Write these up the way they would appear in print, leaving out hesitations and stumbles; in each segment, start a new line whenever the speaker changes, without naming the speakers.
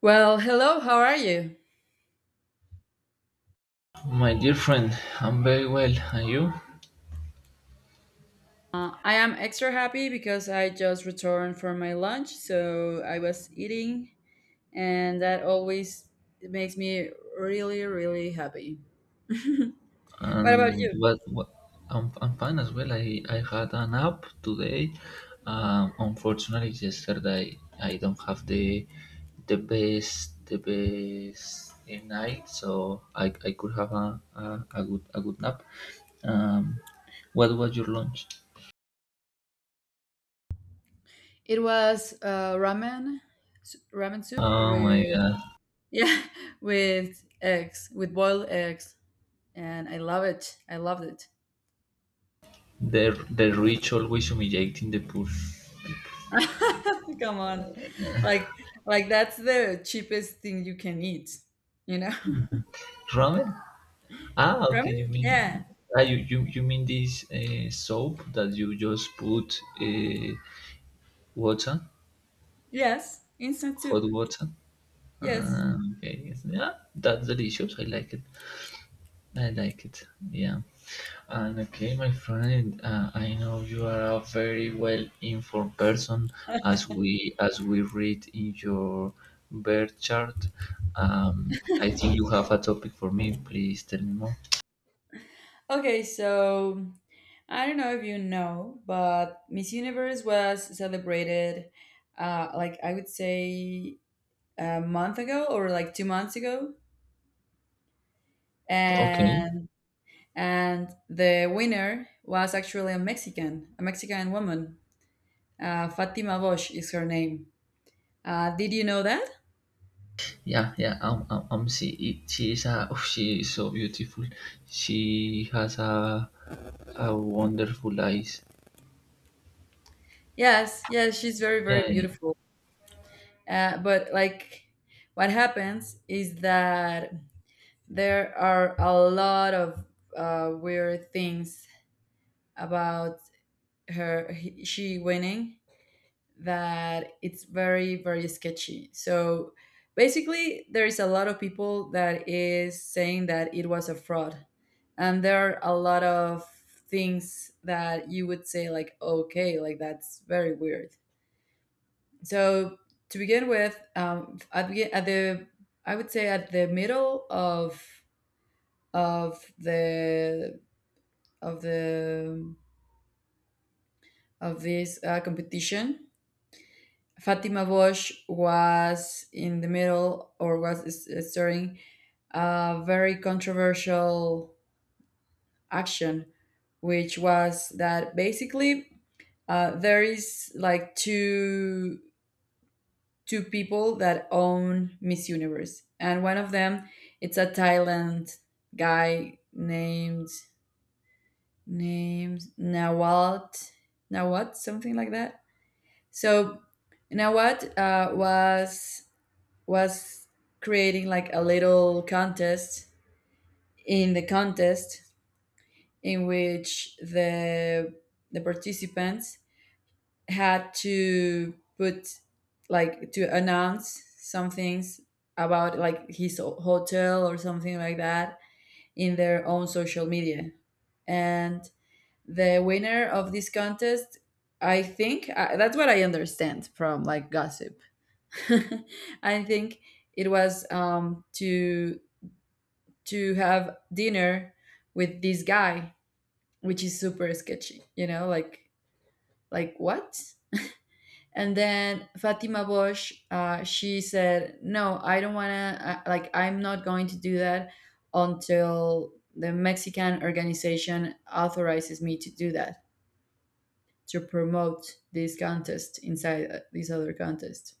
Well, hello, how are you?
My dear friend, I'm very well, and you?
I am extra happy because I just returned from my lunch, so I was eating, and that always makes me really, really happy. What about
And
you?
what? what I'm fine as well. I had a nap today. Unfortunately, yesterday I don't have the best night, so I could have a good nap. Um, what was your lunch?
It was ramen, ramen soup
Oh my
with
God,
yeah, with eggs, with boiled eggs, and I love it. I loved it.
the rich always humiliating the poor.
Come on, like like that's the cheapest thing you can eat, you know?
Ramen? Ah, okay.
Ramen?
You mean
Yeah.
ah, you mean this soap that you just put water,
Yes, instant
hot
soup.
water?
Yes.
Ah, okay. Yes. Yeah, that's delicious. I like it. I like it. Yeah. And okay, my friend, I know you are a very well informed person, as we read in your birth chart. I think you have a topic for me. Please tell me more.
Okay, so I don't know if you know, but Miss Universe was celebrated like I would say a month ago or like 2 months ago,
Okay.
and and the winner was actually a Mexican woman. Fatima Bosch is her name. Did you know that?
Yeah, yeah, she is a, oh, she is so beautiful. She has a wonderful eyes.
Yes, yes, she's very
Yeah,
very
yeah,
beautiful. But like, what happens is that there are a lot of weird things about she winning that it's very very sketchy. So basically, there is a lot of people that is saying that it was a fraud, and there are a lot of things that you would say like, okay, like that's very weird. So to begin with, at, at the, I would say at the middle of the of the of this competition. Fatima Bosch was in the middle or was starting a very controversial action, which was that basically, there is like two people that own Miss Universe, and one of them it's a Thailand guy named Nawat, something like that. So you know what, was creating like a little contest in the contest in which the participants had to put, like to announce some things about like his hotel or something like that in their own social media. And the winner of this contest, I think, that's what I understand from like gossip. I think it was to have dinner with this guy, which is super sketchy. You know, like what? And then Fatima Bosch, she said, "No, I don't wanna. Like, I'm not going to do that until the Mexican organization authorizes me to do that, to promote this contest inside this other contest."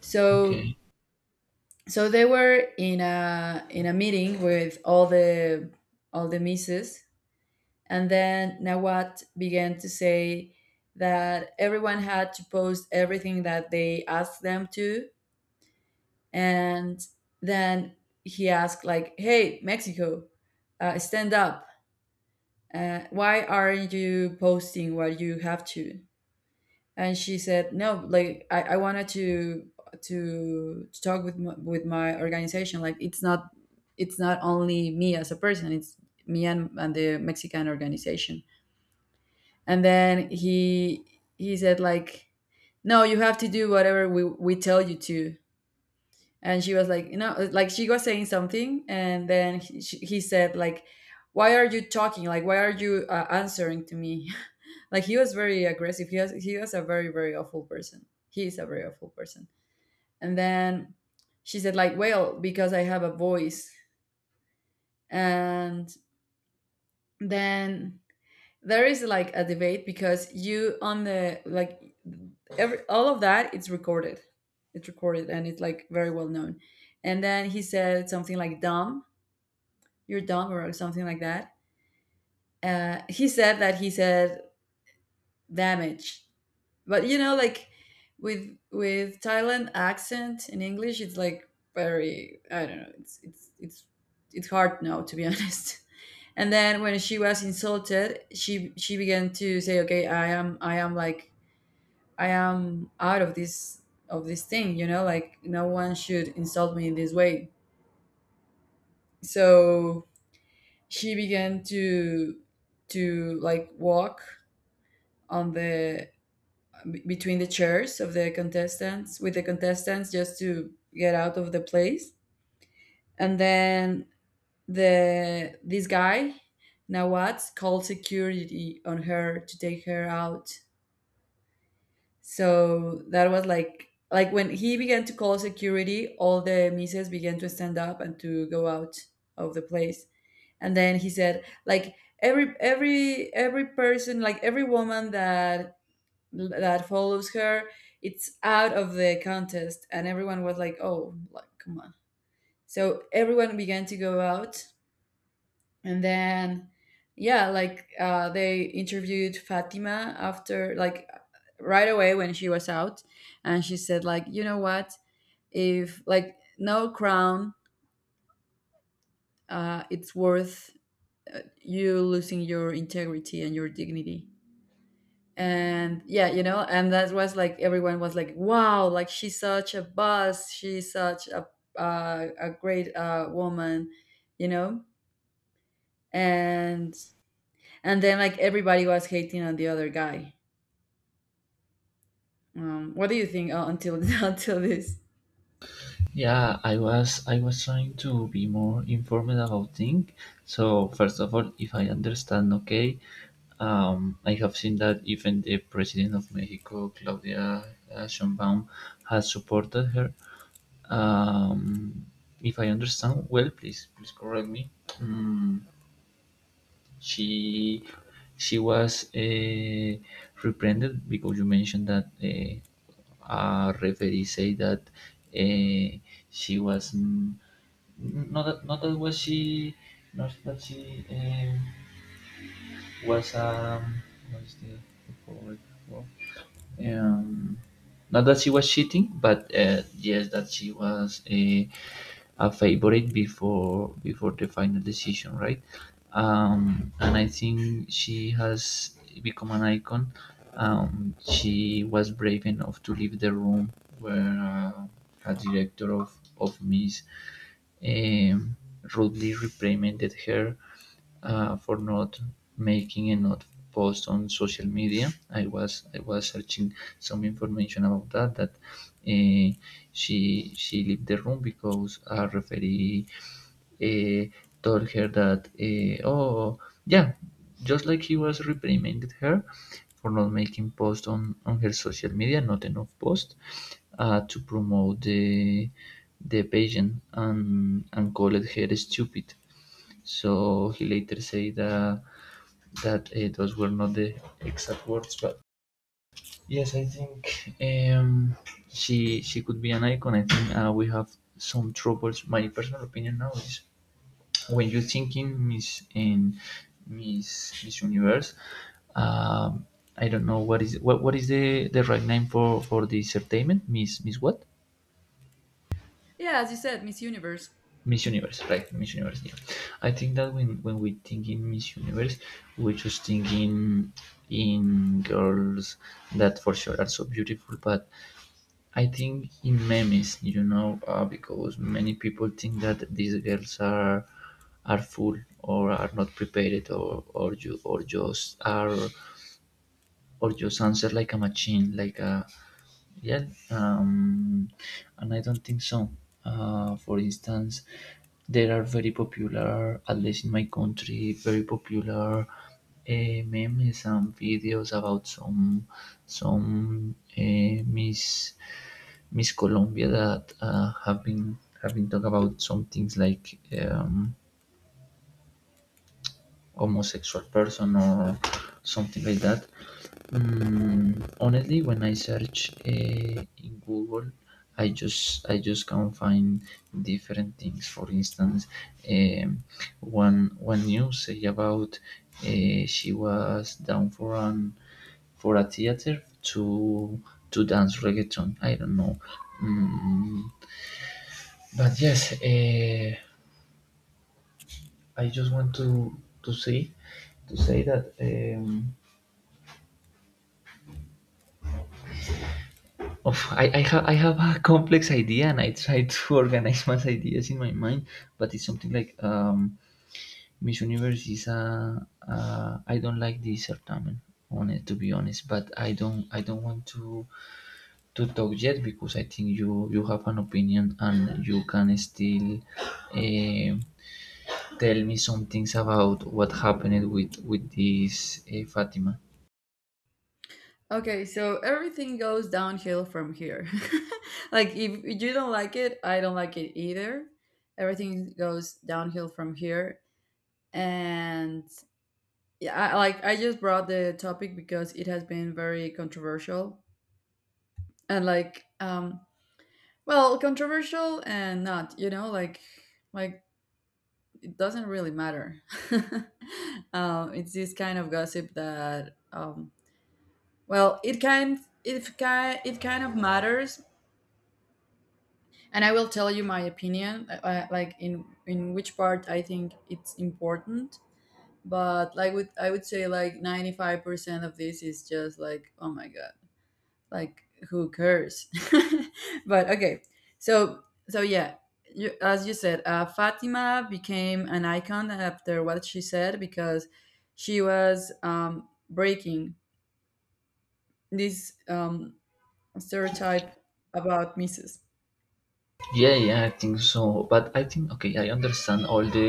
So
okay.
so they were in a meeting with all the misses, and then Nawat began to say that everyone had to post everything that they asked them to. And then he asked like, hey Mexico, stand up, why aren't you posting what you have to? And she said, no, like I wanted to talk with my organization. Like it's not, it's not only me as a person, it's me and the Mexican organization. And then he said like, no, you have to do whatever we tell you to. And she was like, you know, like she was saying something, and then he said like, why are you talking, like why are you answering to me? Like he was very aggressive. He was a very very awful person. He is a very awful person. And then she said like, well, because I have a voice. And then there is like a debate because you on the like, every all of that it's recorded. It's recorded and it's like very well known. And then he said something like dumb, you're dumb or something like that. He said that, he said damage, but you know, like with Thailand accent in English it's like very, I don't know, it's hard now to be honest. And then when she was insulted, she began to say, okay, I am, I am like, I am out of this, of this thing, you know, like no one should insult me in this way. So she began to like walk on the between the chairs of the contestants with the contestants, just to get out of the place. And then the this guy Nawaz called security on her to take her out. So that was like when he began to call security, all the misses began to stand up and to go out of the place. And then he said like every every person, like every woman that that follows her, it's out of the contest. And everyone was like, oh, like come on. So everyone began to go out. And then yeah, like they interviewed Fatima after, like right away when she was out. And she said like, you know what, if like no crown it's worth you losing your integrity and your dignity. And yeah, you know, and that was like, everyone was like wow, like she's such a boss, she's such a great woman, you know. and and then like everybody was hating on the other guy. What do you think until until this?
Yeah, I was trying to be more informed about things. So first of all, if I understand okay, I have seen that even the president of Mexico, Claudia Sheinbaum, has supported her. Um, if I understand well, please please correct me. Mm, She she was reprehended because you mentioned that a referee say that uh, she was not that, not that was she not that she was what is the word for um, not that she was cheating, but yes, that she was a favorite before before the final decision, right? And I think she has become an icon. She was brave enough to leave the room where a director of Miss um, rudely reprimanded her for not making and not post on social media. I was searching some information about that uh, she left the room because a referee uh, told her that uh, oh yeah just like he was reprimanded her for not making posts on her social media not enough posts to promote the patient and called her stupid, so he later said that that those were not the exact words, but yes, I think she could be an icon. I think we have some troubles. My personal opinion now is when you think in Miss Universe, um, I don't know what is the right name for the entertainment Miss Miss what?
Yeah, as you said, Miss Universe.
Miss Universe, right? Miss Universe. Yeah. I think that when we think in Miss Universe, we just think in girls that for sure are so beautiful, but I think in memes, you know, because many people think that these girls are full or are not prepared or you or just are or just answer like a machine, like a yeah. Um, and I don't think so. For instance, there are very popular, at least in my country, very popular memes and videos about some Miss Miss Colombia that have been talk about some things like. Um, homosexual person or something like that. Mm, honestly, when I search in Google, I just can find different things. For instance, um, one one news say about she was down for an for a theater to to dance reggaeton. I don't know, mm, but yes, I just want to say to say that. Of, I have I have a complex idea, and I try to organize my ideas in my mind. But it's something like Miss Universe is a. I don't like this certamen on it to be honest. But I don't want to talk yet because I think you you have an opinion and you can still uh, tell me some things about what happened with this Fatima.
Okay so everything goes downhill from here. Like if you don't like it, I don't like it either. Everything goes downhill from here. And yeah, like I just brought the topic because it has been very controversial. And like well, controversial and not, you know, like it doesn't really matter. It's this kind of gossip that well, it kind it kind it kind of matters. And I will tell you my opinion, like in which part I think it's important, but like with I would say like 95% of this is just like, oh my god, like who cares? But okay, so so yeah, you, as you said, Fatima became an icon after what she said, because she was breaking this stereotype about misses.
Yeah, yeah, I think so. But I think okay, I understand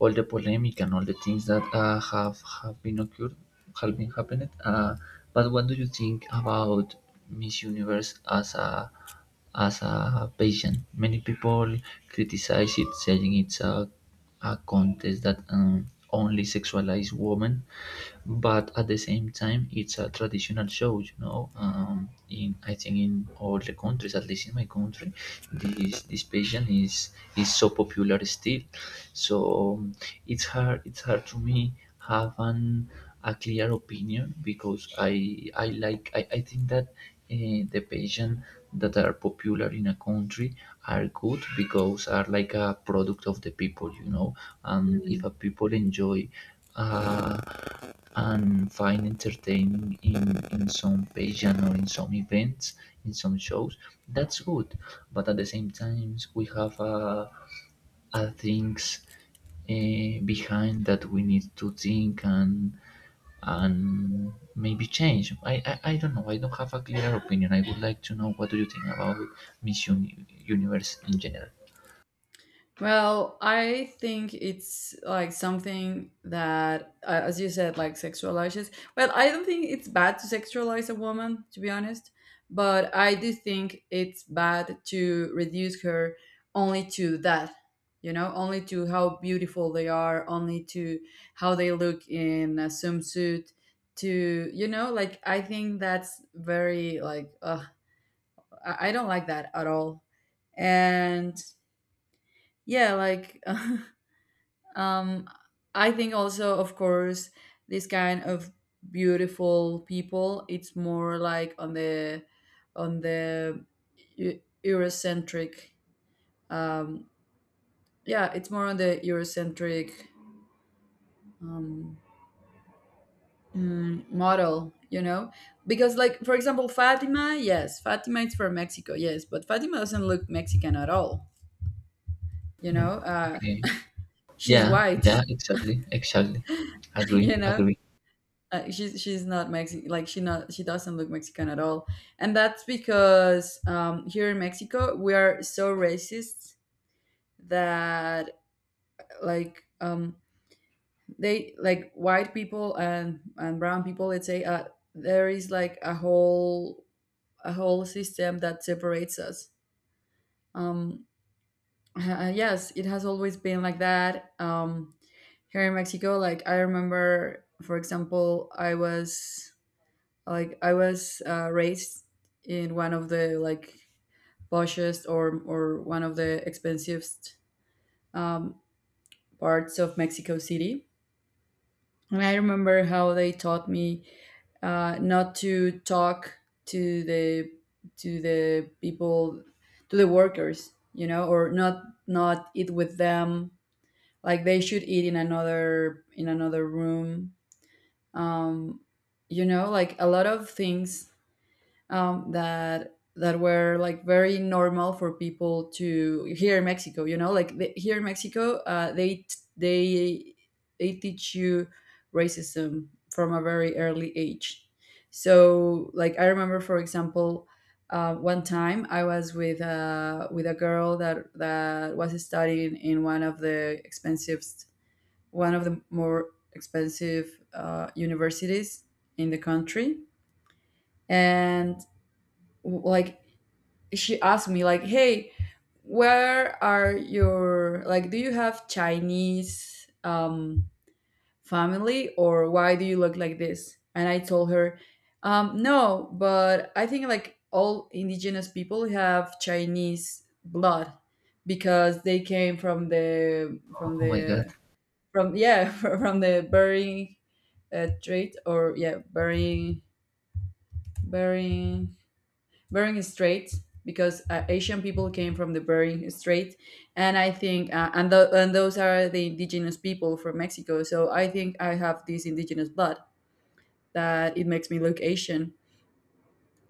all the polemic and all the things that uh, have been occurred, have been happened. But what do you think about Miss Universe as a pageant? Many people criticize it, saying it's a contest that only sexualize women, but at the same time it's a traditional show, you know, in I think in all the countries, at least in my country this this patient is so popular still, so it's hard to me have an a clear opinion because I like I think that the patients that are popular in a country are good because are like a product of the people, you know, and if a people enjoy uh, and find entertaining in some pageant or in some events, in some shows, that's good. But at the same time, we have things behind that we need to think and maybe change. I don't know. I don't have a clear opinion. I would like to know what do you think about Universe in general.
Well, I think it's like something that, as you said, like sexualizes. Well, I don't think it's bad to sexualize a woman, to be honest, but I do think it's bad to reduce her only to that, you know, only to how beautiful they are, only to how they look in a swimsuit, to, you know, like I think that's very, like, ugh, I don't like that at all. And yeah, like Um, I think also, of course, this kind of beautiful people, it's more like on the Eu- Eurocentric. Um, yeah, it's more on the Eurocentric um, model, you know, because like for example, Fatima, yes, Fatima is from Mexico, yes, but Fatima doesn't look Mexican at all, you know.
Mm, okay.
She's
Yeah.
white,
Yeah. Exactly. Exactly. Agree.
you know,
Agree.
she's not Mexican. Like she not, she doesn't look Mexican at all. And that's because here in Mexico we are so racist that like they like white people and brown people. Let's say there is like a whole system that separates us. Um, yes, it has always been like that. Here in Mexico, like I remember, for example, I was, like I was raised in one of the like poshest or one of the expensivest um, parts of Mexico City. And I remember how they taught me not to talk to the to the people, to the workers, you know, or not not eat with them, like they should eat in another room. um you know, like a lot of things, that that were like very normal for people to here in Mexico. You know, like the, here in Mexico, they they they teach you racism from a very early age. So, like I remember, for example, one time I was with a girl that that was studying in one of the expensive, one of the more expensive universities in the country, and like she asked me like, hey, where are your, like do you have Chinese family or why do you look like this? And I told her, no, but I think like all indigenous people have Chinese blood, because they came from the from
Oh my God.
the from, yeah, from the burying trait, or yeah, burying burying Bering Strait, because Asian people came from the Bering Strait. And I think and and those are the indigenous people from Mexico. So I think I have this indigenous blood that it makes me look Asian.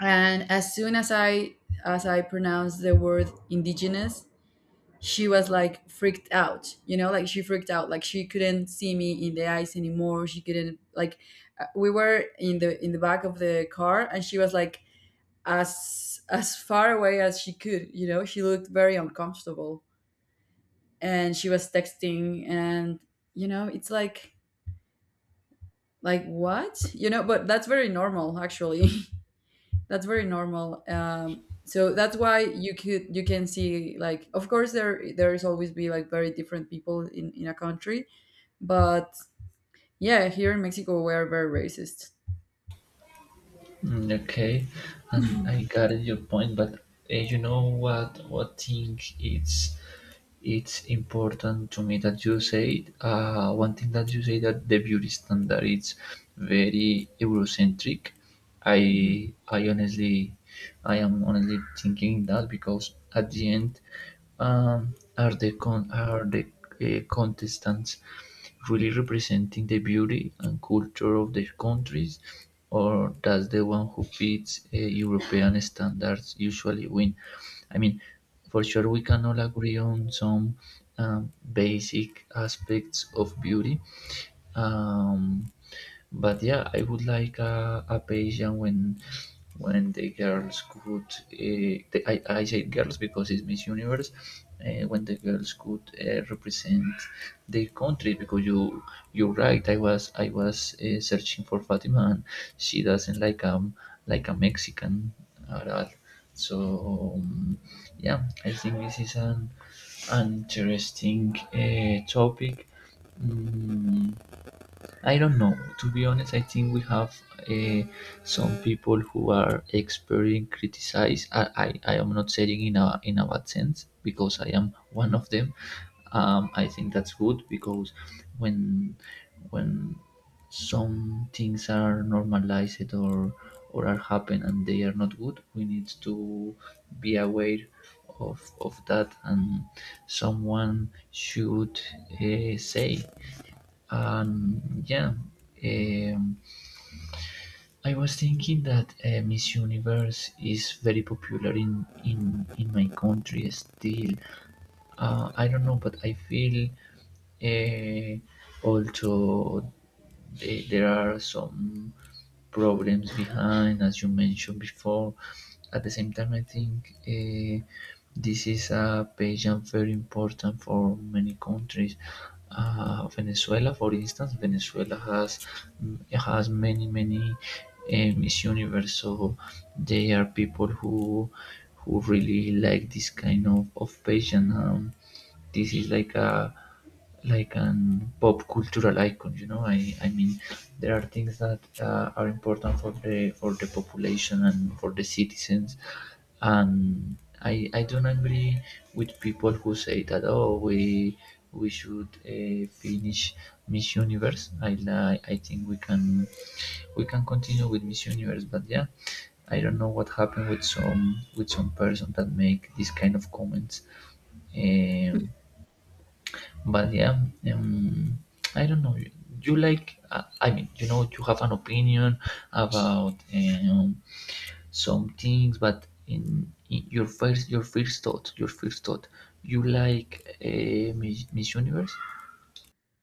And as soon as I pronounced the word indigenous, she was like freaked out. You know, like she freaked out. Like she couldn't see me in the eyes anymore. She couldn't like we were in the back of the car, and she was like as far away as she could. You know, she looked very uncomfortable and she was texting. And you know it's like what. But that's very normal actually. That's very normal. So that's why you could you can see, like, of course there is always be like very different people in a country. But yeah, here in mexico we are very racist.
Mm, okay, and I got your point, but you know what? What thing it's? It's important to me that you said one thing that you say that the beauty standard is very eurocentric. i
Mhm.
i honestly, I am honestly thinking that because at the end, are the are the contestants really representing the beauty and culture of their countries, or does the one who fits european standards usually win? I mean, for sure we can all agree on some basic aspects of beauty. um, but yeah, I would like a pageant when the girls could. The, I say girls because it's Miss Universe. When the girls could represent their country, because you you're right. I was searching for Fatima, and she doesn't like a Mexican at all. So yeah, I think this is an interesting topic. Mm, I don't know. To be honest, I think we have uh, some people who are expert in criticize. I am not saying in a bad sense because I am one of them. I think that's good because when when some things are normalized or are happen and they are not good, we need to be aware of that, and someone should say yeah, um, I was thinking that Miss Universe is very popular in my country still. I don't know, but I feel uh, also there are some problems behind, as you mentioned before. At the same time, I think this is a page and very important for many countries. Venezuela, for instance, Venezuela has many many Miss Universe, so they are people who really like this kind of page, and this is like a like an pop cultural icon. You know, I mean, there are things that are important for the population and for the citizens, and I don't agree with people who say that oh we should finish Miss Universe. I think we can continue with Miss Universe, but yeah, I don't know what happened with some person that make this kind of comments. Um, but yeah, um, I don't know. You like, I mean, you know, you have an opinion about some things, but in your first thought, you like Miss Universe?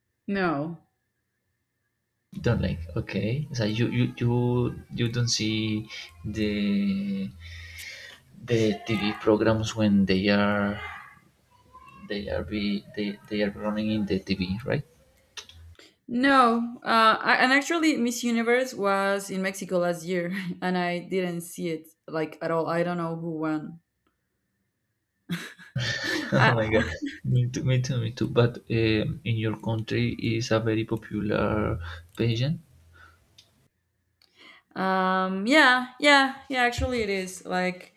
No.
You don't like. Okay, so you don't see the the TV programs when they are they are running in the TV, right?
No, and actually, Miss Universe was in Mexico last year, and I didn't see it like at all. I don't know who won. Uh,
Oh my god, me too, me too, me too. But in your country is a very popular pageant.
yeah, yeah, yeah. Actually, it is like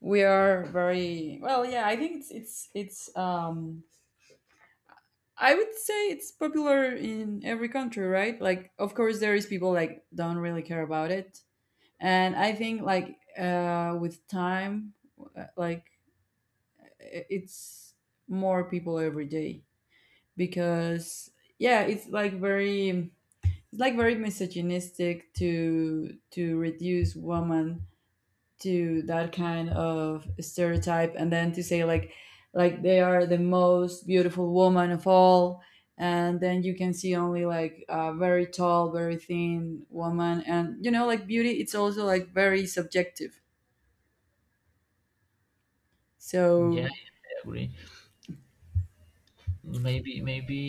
we are very well. Yeah, I think it's. I would say it's popular in every country, right? Like, of course, there is people like don't really care about it, and I think like with time, like it's more people every day because yeah it's like very misogynistic to reduce woman to that kind of stereotype, and then to say like they are the most beautiful woman of all. And then you can see only like a very tall, very thin woman. And you know, like, beauty it's also like very subjective,
Yeah,
so
I agree. Maybe, maybe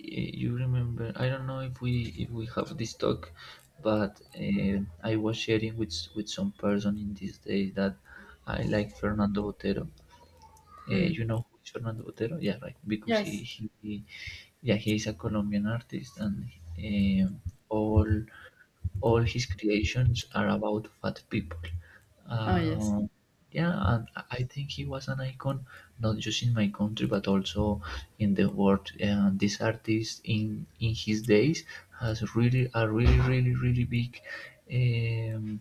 you remember. I don't know if we have this talk, but I was sharing with with some person in these days that I like Fernando Otero.
mm,
You know who is Fernando Otero? Yeah, right. Because
yes.
he yeah he is a Colombian artist, and um all all his creations are about fat people.
Oh yes.
Uh, yeah, and I think he was an icon not just in my country but also in the world. And this artist in his days has really a really really really big um,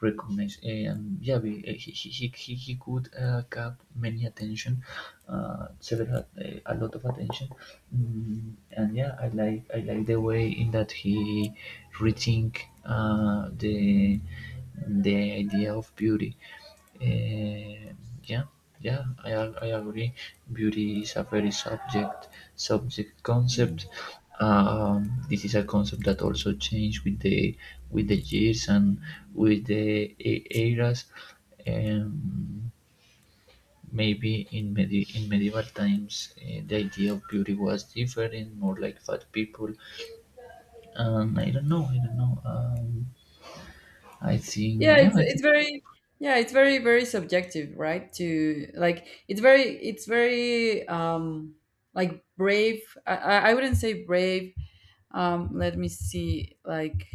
recognition. And yeah, we, eh, he could got many attention, several a lot of attention. Mm, and yeah, I like the way in that he rethink the idea of beauty. Eh, yeah, yeah, I agree. Beauty is a very subject subject concept.
Hmm.
This is a concept that also changed with the years and with the eras. Um, Maybe in, in medieval times, eh, the idea of beauty was different, more like fat people. I don't know. I don't know.
Yeah
I
it's
think,
very yeah it's very very subjective, right? To like it's very like brave, I wouldn't say brave. Let me see,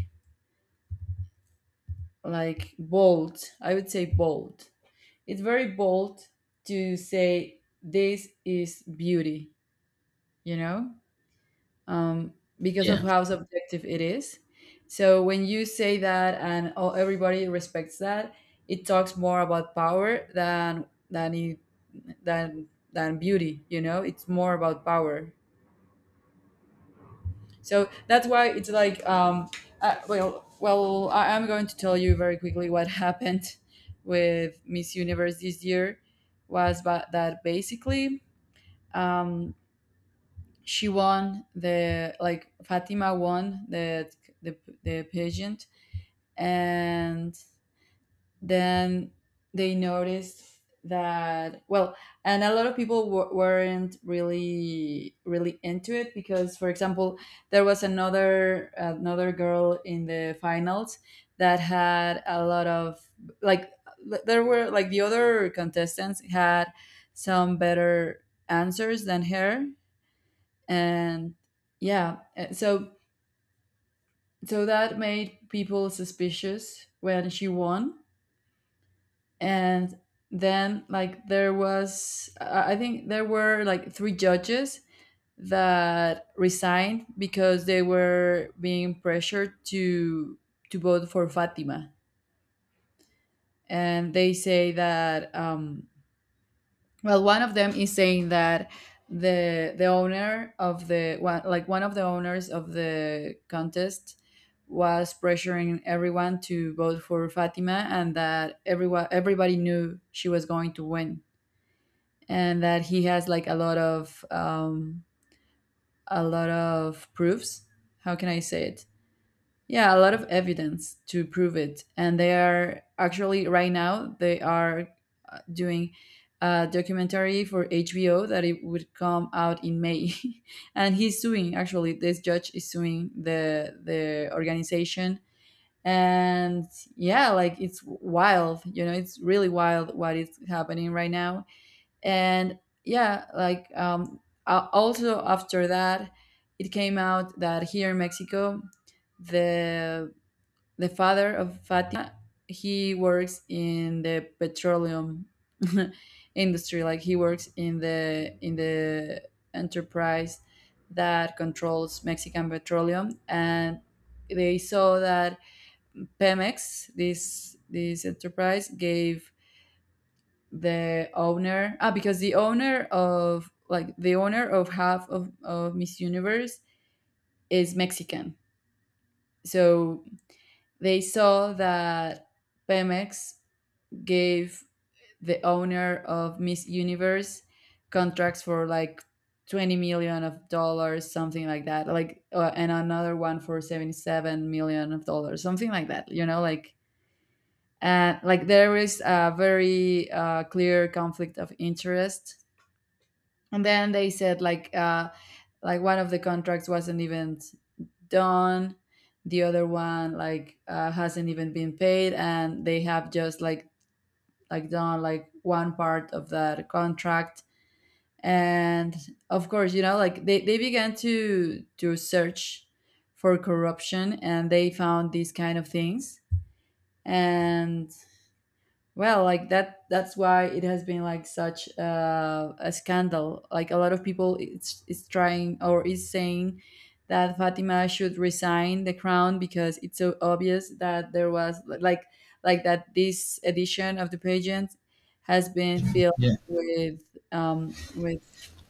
like bold, I would say bold. It's very bold to say this is beauty, you know. um, because of
yeah,
how subjective it is. So when you say that and oh, everybody respects that, it talks more about power than than beauty. You know, it's more about power. So that's why it's like well, I am going to tell you very quickly what happened with Miss Universe this year was ba- that basically. Um, she won the like Fatima won the the pageant, and then they noticed that, well, and a lot of people weren't really really into it because, for example, there was another girl in the finals that had a lot of like. There were like the other contestants had some better answers than her. And yeah so so that made people suspicious when she won. And then, like, there was I think there were like three judges that resigned because they were being pressured to vote for fatima. And they say that well, one of them is saying that the owner of the one, like one of the owners of the contest, was pressuring everyone to vote for Fatima, and that everyone everybody knew she was going to win, and that he has like a lot of proofs. How can I say it? Yeah, a lot of evidence to prove it. And they are actually, right now, they are doing a documentary for HBO that it would come out in May. And he's suing, actually, this judge is suing the organization. And yeah, like it's wild, you know, it's really wild what is happening right now. And yeah, like also after that, it came out that here in Mexico, the the father of Fatima, he works in the petroleum industry. Like he works in the enterprise that controls Mexican petroleum. And they saw that Pemex, this enterprise, gave the owner, ah, because the owner of, like, the owner of half of Miss Universe is Mexican. So they saw that Pemex gave the owner of Miss Universe contracts for like 20 million of dollars, something like that, like and another one for 77 million of dollars, something like that, you know. Like like there is a very clear conflict of interest. And then they said like, like one of the contracts wasn't even done, the other one like hasn't even been paid and they have just like done like one part of that contract. And of course, you know, like they began to search for corruption and they found these kind of things. And well, like that, that's why it has been like such a scandal. Like a lot of people it's is trying or is saying that Fatima should resign the crown because it's so obvious that there was like that this edition of the pageant has been filled
yeah.
with um with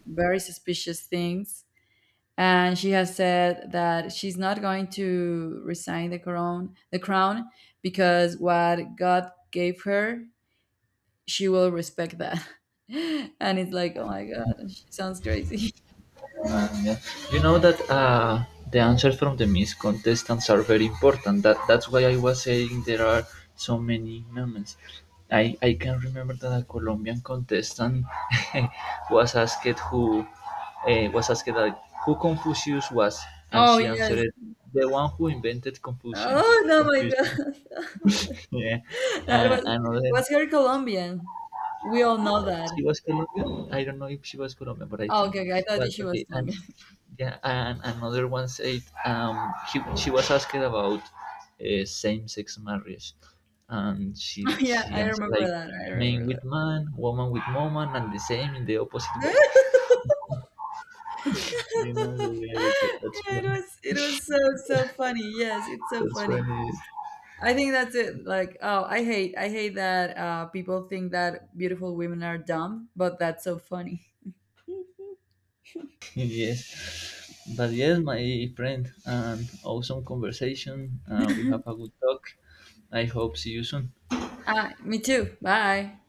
very suspicious things. And she has said that she's not going to resign the crown the crown, because what God gave her she will respect that. And it's like, oh my god, she sounds crazy.
Yeah. You know that the answers from the Miss contestants are very important. That that's why I was saying there are so many moments. I can remember that a Colombian contestant was asked who was asked like, who Confucius was, and
Oh
she
yes.
answered the one who invented Confucian.
Oh no my
Confucian.
god.
yeah.
That
Another.
was her Colombian. We all know that.
She was Colombian. I don't know if she was Colombian, but I
Oh,
think.
okay, okay. I thought
But
that she was
okay. And
Colombian.
yeah, and another one said she was asked about same-sex marriage, and she
Yeah,
she
I
answered
remember
like
that. I
man
remember
with
that.
man, woman with woman, and the same in the opposite way. You know
Yeah,
the, that's funny.
it was so so funny. Yes, it's so
That's
funny.
funny.
I think that's it. Like, oh, I hate that people think that beautiful women are dumb, but that's so funny.
Yes, but yes, my friend, and awesome conversation. We have a good talk. I hope see you soon.
Ah, me too. Bye.